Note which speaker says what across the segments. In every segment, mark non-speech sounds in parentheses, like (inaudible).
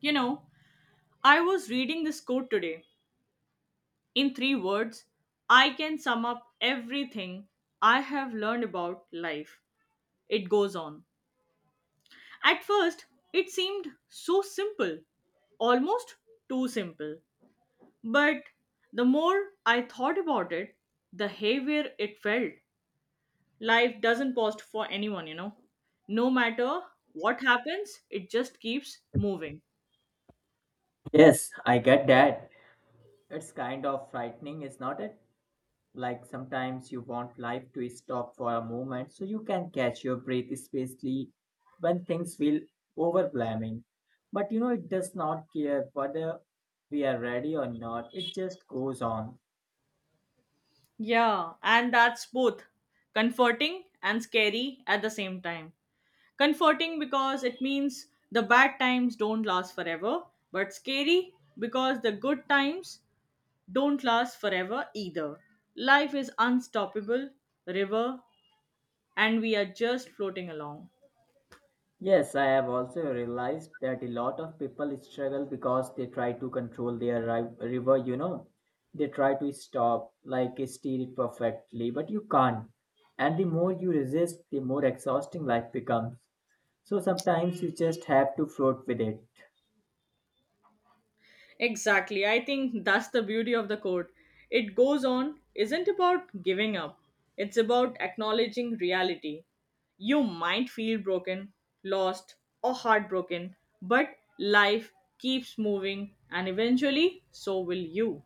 Speaker 1: You know, I was reading this quote today. In three words, I can sum up everything I have learned about life. It goes on. At first, it seemed so simple, almost too simple. But the more I thought about it, the heavier it felt. Life doesn't pause for anyone, you know. No matter what happens, it just keeps moving.
Speaker 2: Yes, I get that. It's kind of frightening, is not it? Like sometimes you want life to stop for a moment so you can catch your breath, especially when things feel overwhelming. But you know, it does not care whether we are ready or not, it just goes on.
Speaker 1: Yeah, and that's both comforting and scary at the same time. Comforting because it means the bad times don't last forever, but scary because the good times don't last forever either. Life is unstoppable, river, and we are just floating along.
Speaker 2: Yes, I have also realized that a lot of people struggle because they try to control their river, you know. They try to stop, like steer it perfectly, but you can't. And the more you resist, the more exhausting life becomes. So sometimes you just have to float with it.
Speaker 1: Exactly. I think that's the beauty of the quote. It goes on, isn't about giving up, it's about acknowledging reality. You might feel broken, lost, or heartbroken, but life keeps moving, and eventually, so will you.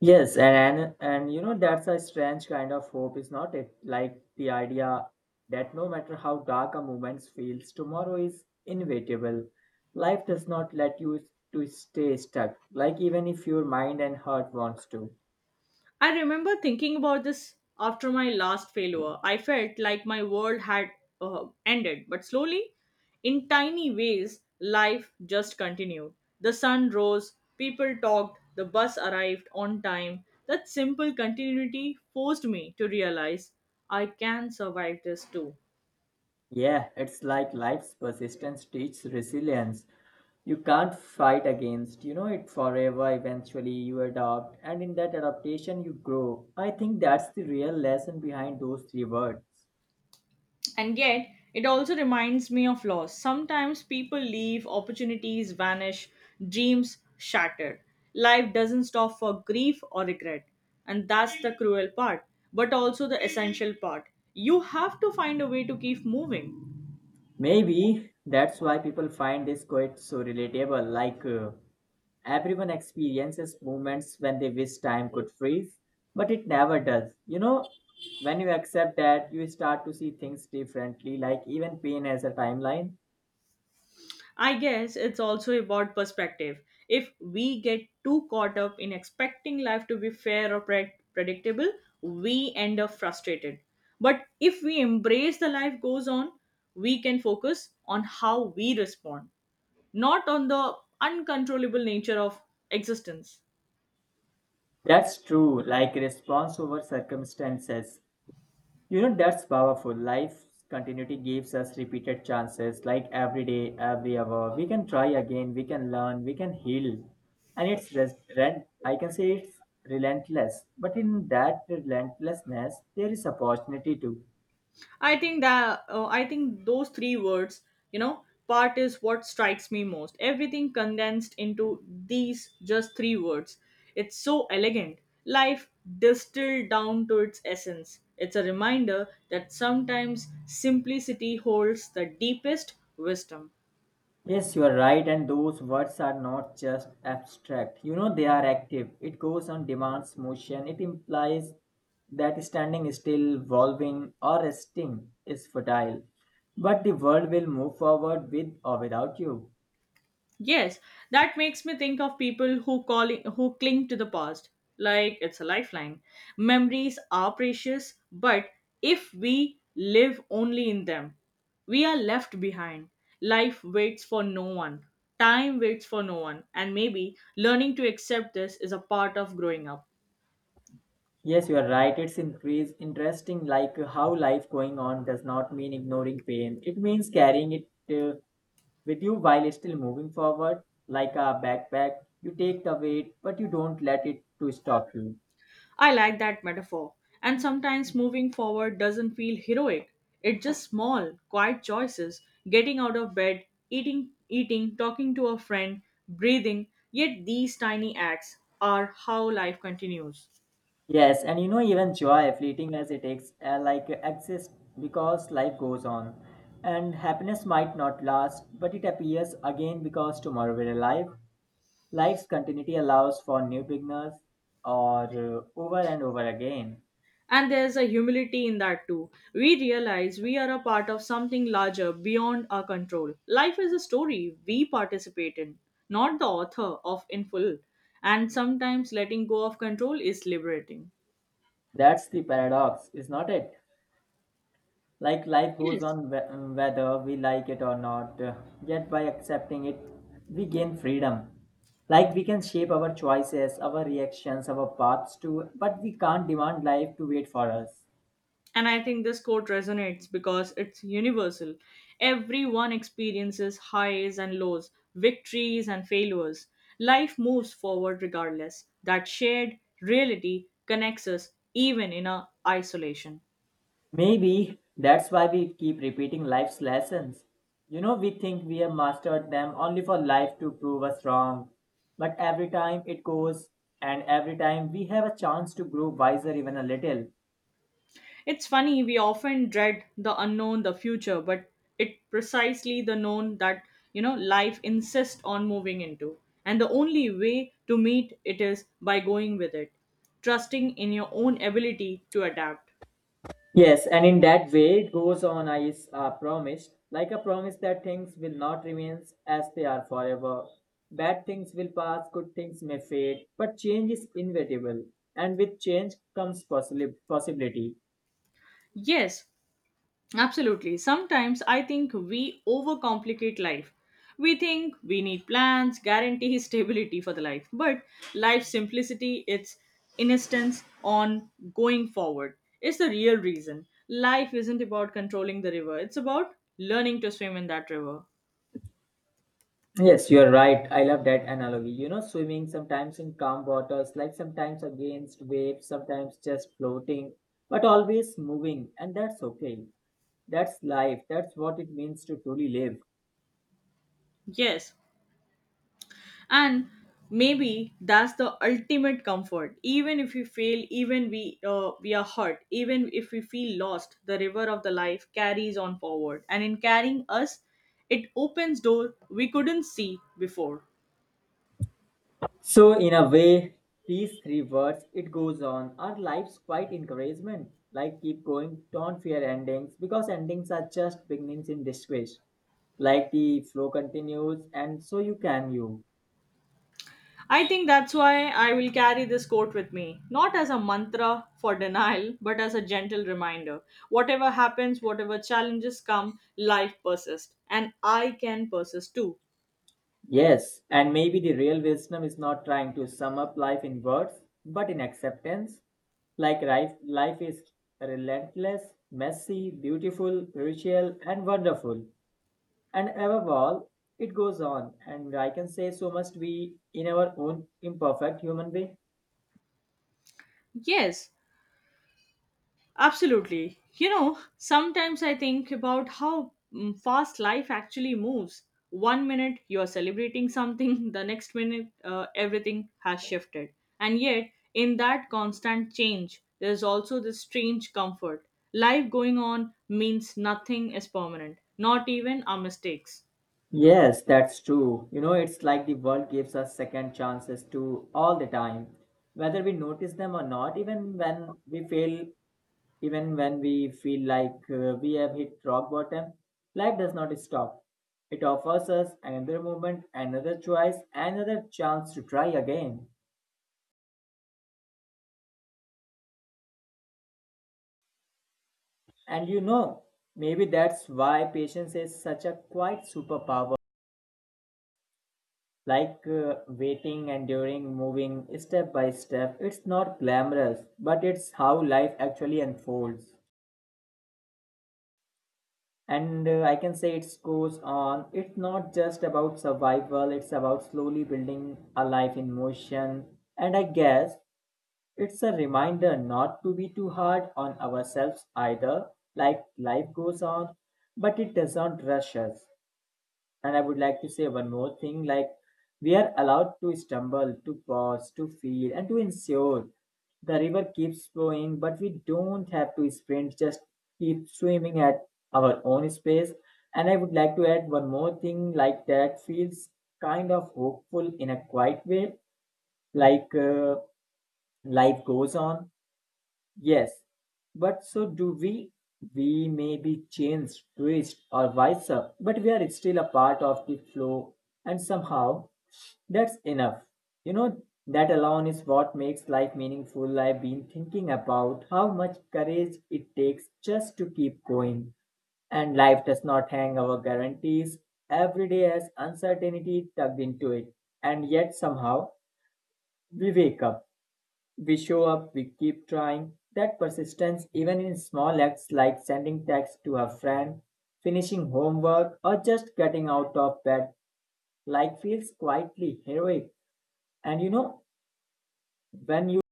Speaker 2: Yes, and you know that's a strange kind of hope, is not it? Like the idea that no matter how dark a moment feels, tomorrow is inevitable. Life does not let you to stay stuck, like even if your mind and heart wants to.
Speaker 1: I remember thinking about this after my last failure. I felt like my world had ended, but slowly, in tiny ways, life just continued. The sun rose, people talked, the bus arrived on time. That simple continuity forced me to realize I can survive this too.
Speaker 2: Yeah, it's like life's persistence teaches resilience. You can't fight against, you know it forever. Eventually, you adopt, and in that adaptation, you grow. I think that's the real lesson behind those three words.
Speaker 1: And yet, it also reminds me of loss. Sometimes people leave, opportunities vanish, dreams shatter. Life doesn't stop for grief or regret. And that's the cruel part, but also the essential part. You have to find a way to keep moving.
Speaker 2: Maybe that's why people find this quote so relatable. Like everyone experiences moments when they wish time could freeze, but it never does. You know, when you accept that, you start to see things differently. Like even pain has a timeline.
Speaker 1: I guess it's also about perspective. If we get too caught up in expecting life to be fair or predictable, we end up frustrated. But if we embrace the life goes on, we can focus on how we respond, not on the uncontrollable nature of existence.
Speaker 2: That's true. Like response over circumstances. You know, that's powerful. Life's continuity gives us repeated chances, like every day, every hour. We can try again, we can learn, we can heal. And it's rent, I can say it's relentless. But in that relentlessness, there is opportunity too.
Speaker 1: I think those three words, you know, part is what strikes me most. Everything condensed into these just three words. It's so elegant. Life distilled down to its essence. It's a reminder that sometimes simplicity holds the deepest wisdom.
Speaker 2: Yes, you are right, and those words are not just abstract. You know, they are active. It goes on, demands motion, it implies that standing still, evolving, or resting is futile. But the world will move forward with or without you.
Speaker 1: Yes, that makes me think of people who cling to the past like it's a lifeline. Memories are precious, but if we live only in them, we are left behind. Life waits for no one. Time waits for no one, and maybe learning to accept this is a part of growing up.
Speaker 2: Yes, you are right. It's increase interesting, like how life going on does not mean ignoring pain. It means carrying it uh, with you while still moving forward, like a backpack. You take the weight, but you don't let it to stop you.
Speaker 1: I like that metaphor. And sometimes moving forward doesn't feel heroic. It's just small, quiet choices, getting out of bed, eating, talking to a friend, breathing. Yet these tiny acts are how life continues.
Speaker 2: Yes, and you know, even joy, fleeting as it is, exists because life goes on. And happiness might not last, but it appears again because tomorrow we're alive. Life's continuity allows for new beginners or over and over again.
Speaker 1: And there's a humility in that too. We realize we are a part of something larger beyond our control. Life is a story we participate in, not the author of in full. And sometimes letting go of control is liberating.
Speaker 2: That's the paradox, is not it? Like life goes
Speaker 1: Yes.
Speaker 2: on whether we like it or not, yet by accepting it, we gain freedom. Like we can shape our choices, our reactions, our paths too. But we can't demand life to wait for us.
Speaker 1: And I think this quote resonates because it's universal. Everyone experiences highs and lows, victories and failures. Life moves forward regardless. That shared reality connects us even in our isolation.
Speaker 2: Maybe that's why we keep repeating life's lessons. You know, we think we have mastered them only for life to prove us wrong. But every time it goes, and every time we have a chance to grow wiser even a little.
Speaker 1: It's funny, we often dread the unknown, the future, but it precisely the known that you know life insists on moving into. And the only way to meet it is by going with it, trusting in your own ability to adapt.
Speaker 2: Yes, and in that way it goes on I is promised, like a promise that things will not remain as they are forever. Bad things will pass, good things may fade, but change is inevitable, and with change comes possibly possibility.
Speaker 1: Yes, absolutely. Sometimes I think we overcomplicate life. We think we need plans, guarantee (laughs) stability for the life. But life's simplicity, its insistence on going forward, is the real reason. Life isn't about controlling the river, it's about learning to swim in that river.
Speaker 2: Yes, you are right. I love that analogy. You know, swimming sometimes in calm waters, like sometimes against waves, sometimes just floating, but always moving, and that's okay. That's life. That's what it means to truly live.
Speaker 1: Yes, and maybe that's the ultimate comfort even if we fail even we are hurt even if we feel lost the river of the life carries on forward and in carrying us it opens door we couldn't see before.
Speaker 2: So, in a way, these three words, it goes on, are life's quite encouragement. Like, keep going, don't fear endings, because endings are just beginnings in disguise. Like, the flow continues, and so you can you.
Speaker 1: I think that's why I will carry this quote with me not as a mantra for denial but as a gentle reminder whatever happens whatever challenges come life persists and I can persist too.
Speaker 2: Yes, and maybe the real wisdom is not trying to sum up life in words, but in acceptance. Like, life is relentless, messy, beautiful, spiritual, and wonderful. And above all, it goes on, and I can say so must we in our own imperfect human way.
Speaker 1: Yes, absolutely. You know, sometimes I think about how fast life actually moves. One minute you are celebrating something, (laughs) the next minute, everything has shifted. And yet, in that constant change, there's also this strange comfort. Life going on means nothing is permanent, not even our mistakes.
Speaker 2: Yes, that's true. You know, it's like the world gives us second chances to all the time, whether we notice them or not, even when we fail, even when we feel like we have hit rock bottom, life does not stop. It offers us another moment, another choice, another chance to try again. And you know, maybe that's why patience is such a quiet superpower. Like waiting, enduring, moving step by step. It's not glamorous, but it's how life actually unfolds. And I can say it goes on. It's not just about survival, it's about slowly building a life in motion. And I guess it's a reminder not to be too hard on ourselves either. Like life goes on, but it doesn't rush us. And I would like to say one more thing like, we are allowed to stumble, to pause, to feel, and to ensure. The river keeps flowing, but we don't have to sprint, just keep swimming at our own space. And I would like to add one more thing like that feels kind of hopeful in a quiet way. Like, life goes on. Yes, but so do we. We may be changed, twist, or wiser, but we are still a part of the flow, and somehow that's enough. You know, that alone is what makes life meaningful. I've been thinking about how much courage it takes just to keep going. And life does not hang our guarantees. Every day has uncertainty tugged into it, and yet somehow we wake up we show up, we keep trying. That persistence, even in small acts like sending text to a friend, finishing homework, or just getting out of bed, like feels quietly heroic. And you know, when you,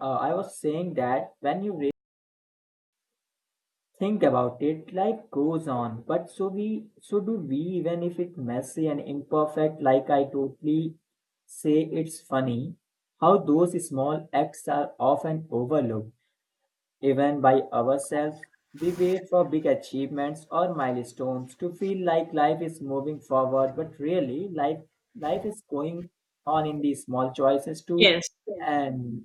Speaker 2: I was saying that when you really think about it, life goes on. But so do we, even if it's messy and imperfect. Like I totally say, it's funny how those small acts are often overlooked. Even by ourselves, we wait for big achievements or milestones to feel like life is moving forward, but really, life is going on in these small choices too.
Speaker 1: Yes.
Speaker 2: And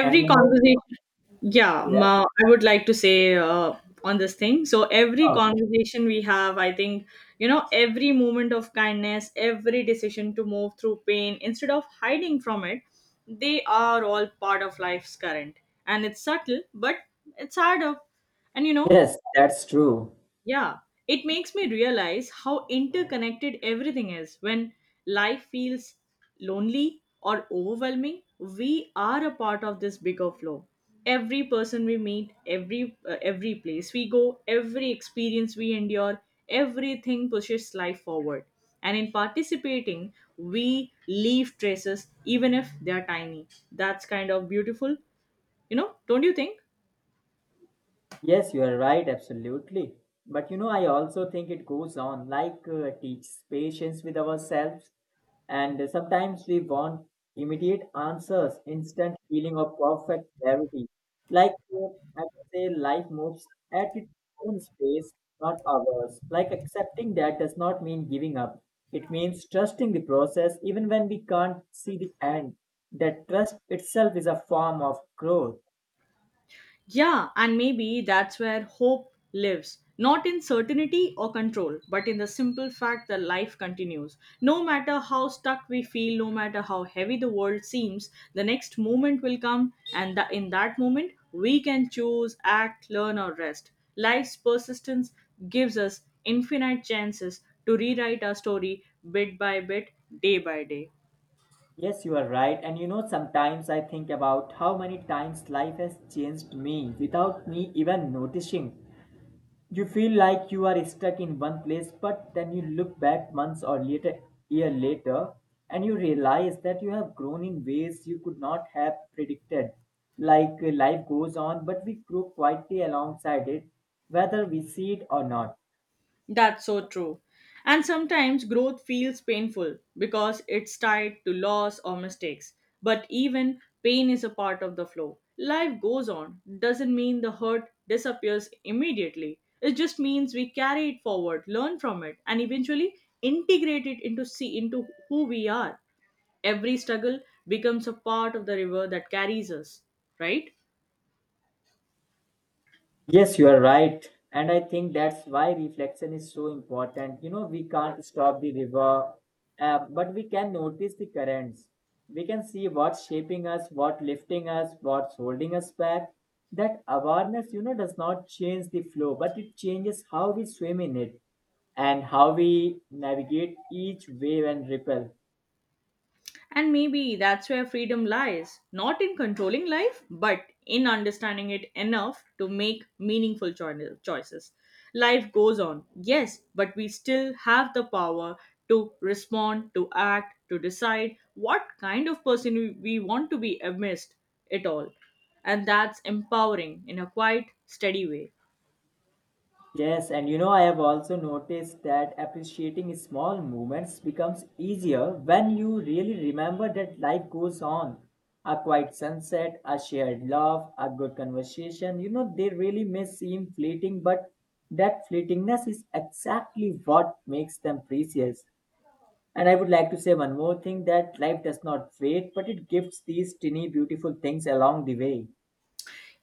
Speaker 2: and one more, thing.
Speaker 1: conversation.
Speaker 2: Yeah,
Speaker 1: I would like to say on this thing, so every
Speaker 2: oh,
Speaker 1: conversation we have I think, you know, every moment of kindness, every decision to move through pain instead of hiding from it, they are all part of life's current, and it's subtle but it's hard up, and you know.
Speaker 2: yes, that's true.
Speaker 1: Yeah, it makes me realize how interconnected everything is. When life feels lonely or overwhelming, we are a part of this bigger flow. Every person we meet, every place we go, every experience we endure, everything pushes life forward. And in participating, we leave traces even if they are tiny. That's kind of beautiful, you know, don't you think?
Speaker 2: Yes, you are right, absolutely. But you know, I also think it goes on like teaches patience with ourselves, and sometimes we want immediate answers, instant feeling of perfect clarity. Like I would say, life moves at its own pace, not ours. Like accepting that does not mean giving up. It means trusting the process, even when we can't see the end. That trust itself is a form of growth.
Speaker 1: Yeah, and maybe that's where hope lives. Not in certainty or control, but in the simple fact that life continues. No matter how stuck we feel, no matter how heavy the world seems, the next moment will come, and in that moment, we can choose, act, learn, or rest. Life's persistence gives us infinite chances to rewrite our story bit by bit, day by day.
Speaker 2: Yes, you are right. And you know, sometimes I think about how many times life has changed me without me even noticing. You feel like you are stuck in one place, but then you look back months or later, year later, and you realize that you have grown in ways you could not have predicted. Like life goes on, but we grow quietly alongside it, whether we see it or not.
Speaker 1: That's so true. And sometimes growth feels painful because it's tied to loss or mistakes. But even pain is a part of the flow. Life goes on. Doesn't mean the hurt disappears immediately. It just means we carry it forward, learn from it, and eventually integrate it into see into who we are. Every struggle becomes a part of the river that carries us, right?
Speaker 2: Yes, you are right. And I think that's why reflection is so important. You know, we can't stop the river, but we can notice the currents. We can see what's shaping us, what lifting us, what's holding us back. That awareness, you know, does not change the flow, but it changes how we swim in it and how we navigate each wave and ripple.
Speaker 1: And maybe that's where freedom lies not in controlling life, but in understanding it enough to make meaningful choices. Life goes on, yes, but we still have the power to respond, to act, to decide what kind of person we want to be amidst it all. And that's empowering in a quiet, steady way.
Speaker 2: Yes, and you know, I have also noticed that appreciating small moments becomes easier when you really remember that life goes on. A quiet sunset, a shared laugh, a good conversation, you know, they really may seem fleeting, but that fleetingness is exactly what makes them precious. And I would like to say one more thing that life does not wait, but it gives these tiny, beautiful things along the way.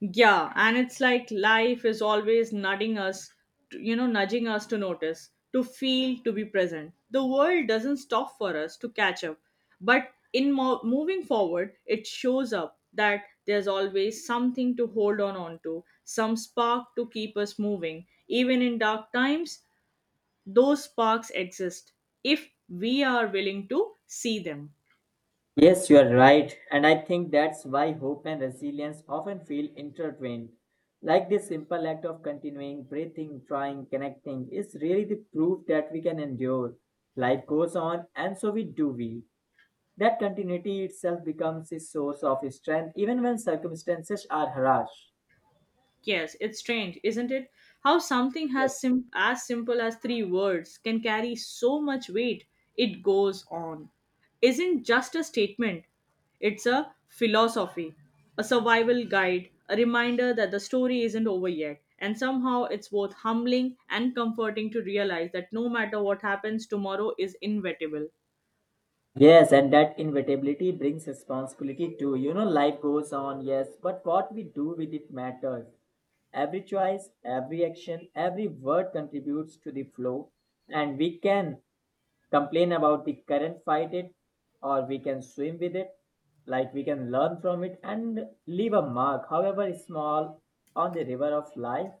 Speaker 1: Yeah, and it's like life is always nudging us, to, you know, nudging us to notice, to feel, to be present. The world doesn't stop for us to catch up, but in moving forward, it shows up that there's always something to hold on onto, some spark to keep us moving. Even in dark times, those sparks exist if we are willing to see them.
Speaker 2: Yes, you are right. And I think that's why hope and resilience often feel intertwined. Like this simple act of continuing, breathing, trying, connecting is really the proof that we can endure. Life goes on, and so we do we. That continuity itself becomes a source of strength even when circumstances are harsh.
Speaker 1: Yes, it's strange, isn't it? How something
Speaker 2: Yes.
Speaker 1: has as simple as three words can carry so much weight. It goes on. Isn't just a statement, it's a philosophy, a survival guide, a reminder that the story isn't over yet. And somehow it's both humbling and comforting to realize that no matter what happens, tomorrow is inevitable.
Speaker 2: Yes, and that inevitability brings responsibility too. You know, life goes on, yes, but what we do with it matters. Every choice, every action, every word contributes to the flow, and we can complain about the current, fight it, or we can swim with it, like we can learn from it and leave a mark, however small, on the river of life.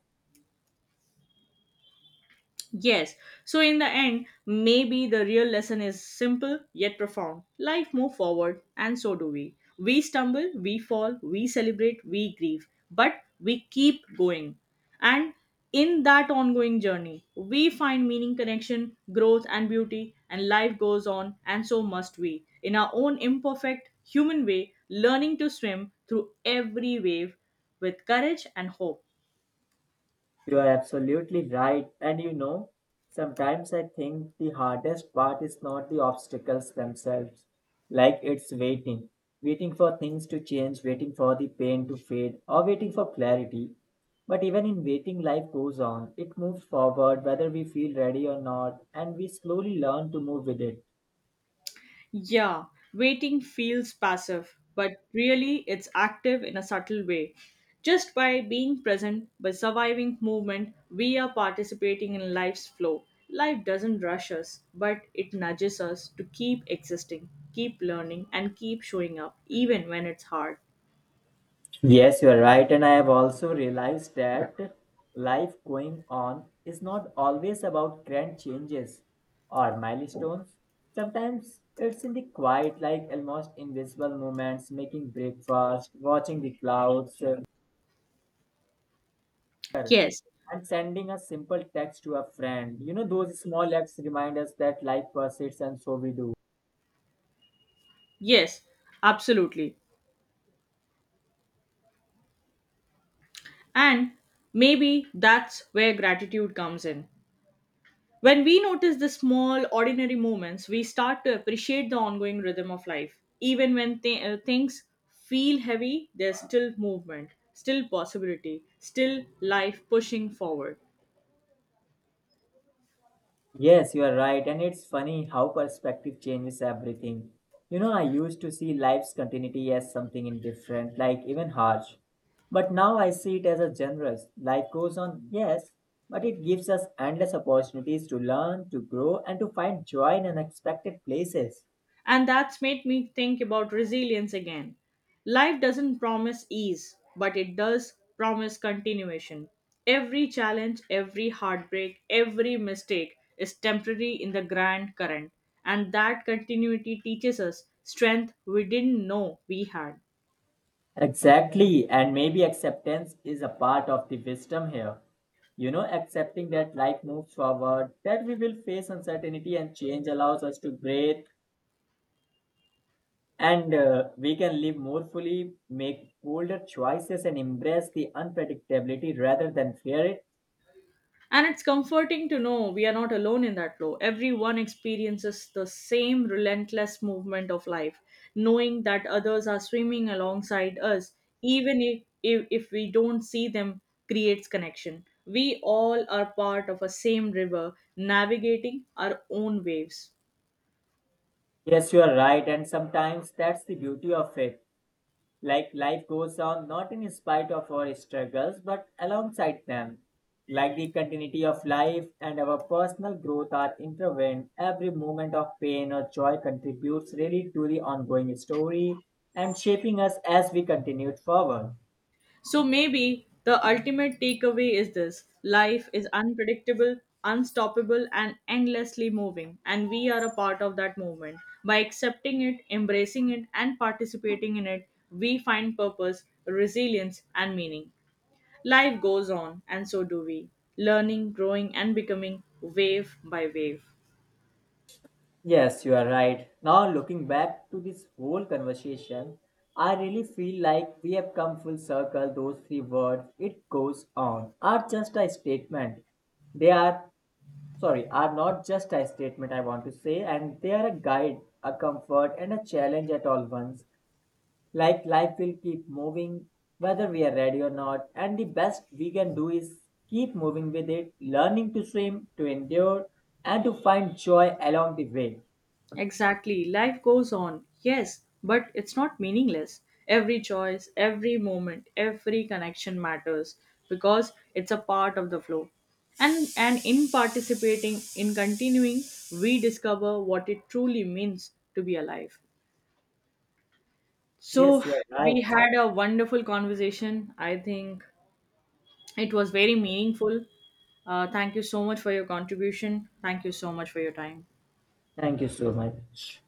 Speaker 1: Yes, so in the end, maybe the real lesson is simple yet profound. Life move forward, and so do we. We stumble, we fall, we celebrate, we grieve, but we keep going. And in that ongoing journey, we find meaning, connection, growth, and beauty, and life goes on, and so must we. In our own imperfect human way, learning to swim through every wave with courage and hope.
Speaker 2: You are absolutely right. And you know, sometimes I think the hardest part is not the obstacles themselves, like it's waiting, waiting for things to change, waiting for the pain to fade, or waiting for clarity. But even in waiting, life goes on. It moves forward whether we feel ready or not, and we slowly learn to move with it.
Speaker 1: Yeah, waiting feels passive, but really it's active in a subtle way. Just by being present, by surviving movement, we are participating in life's flow. Life doesn't rush us, but it nudges us to keep existing, keep learning, and keep showing up, even when it's hard.
Speaker 2: Yes, you are right. And I have also realized that life going on is not always about grand changes or milestones. Sometimes it's in the quiet, like almost invisible moments, making breakfast, watching the clouds,
Speaker 1: Yes,
Speaker 2: and sending a simple text to a friend. You know, those small acts remind us that life persists, and so we do.
Speaker 1: yes, absolutely. And maybe that's where gratitude comes in. When we notice the small, ordinary moments, we start to appreciate the ongoing rhythm of life. Even when things feel heavy, there's still movement, still possibility, still life pushing forward.
Speaker 2: Yes, you are right, and it's funny how perspective changes everything. You know, I used to see life's continuity as something indifferent, like even harsh. But now I see it as a generous. Life goes on, yes, but it gives us endless opportunities to learn, to grow, and to find joy in unexpected places.
Speaker 1: And that's made me think about resilience again. Life doesn't promise ease, but it does promise continuation. Every challenge, every heartbreak, every mistake is temporary in the grand current, and that continuity teaches us strength we didn't know we had.
Speaker 2: Exactly, and maybe acceptance is a part of the wisdom here. You know, accepting that life moves forward, that we will face uncertainty and change allows us to breathe, and we can live more fully, make bolder choices, and embrace the unpredictability rather than fear it.
Speaker 1: And it's comforting to know we are not alone in that flow. Everyone experiences the same relentless movement of life, knowing that others are swimming alongside us, even if we don't see them, creates connection. We all are part of a same river, navigating our own waves.
Speaker 2: Yes, you are right. And sometimes that's the beauty of it. Like life goes on not in spite of our struggles, but alongside them. Like the continuity of life and our personal growth are intertwined. Every moment of pain or joy contributes really to the ongoing story and shaping us as we continue forward.
Speaker 1: So maybe the ultimate takeaway is this life is unpredictable, unstoppable, and endlessly moving, and we are a part of that movement. By accepting it, embracing it, and participating in it, we find purpose, resilience, and meaning. Life goes on, and so do we, learning, growing, and becoming wave by wave.
Speaker 2: Yes, you are right. Now, looking back to this whole conversation, I really feel like we have come full circle. Those three words, it goes on, are just a statement. They are, sorry, are not just a statement, I want to say, and they are a guide, a comfort, and a challenge at all once. Like life will keep moving, whether we are ready or not, and the best we can do is keep moving with it, learning to swim, to endure, and to find joy along the way.
Speaker 1: Exactly. Life goes on. Yes, but it's not meaningless. Every choice, every moment, every connection matters because it's a part of the flow. And in participating, in continuing, we discover what it truly means to be alive. So
Speaker 2: Yes, you are
Speaker 1: we
Speaker 2: right.
Speaker 1: had a wonderful conversation. I think it was very meaningful. Thank you so much for your contribution. Thank you so much for your time.
Speaker 2: Thank you so much.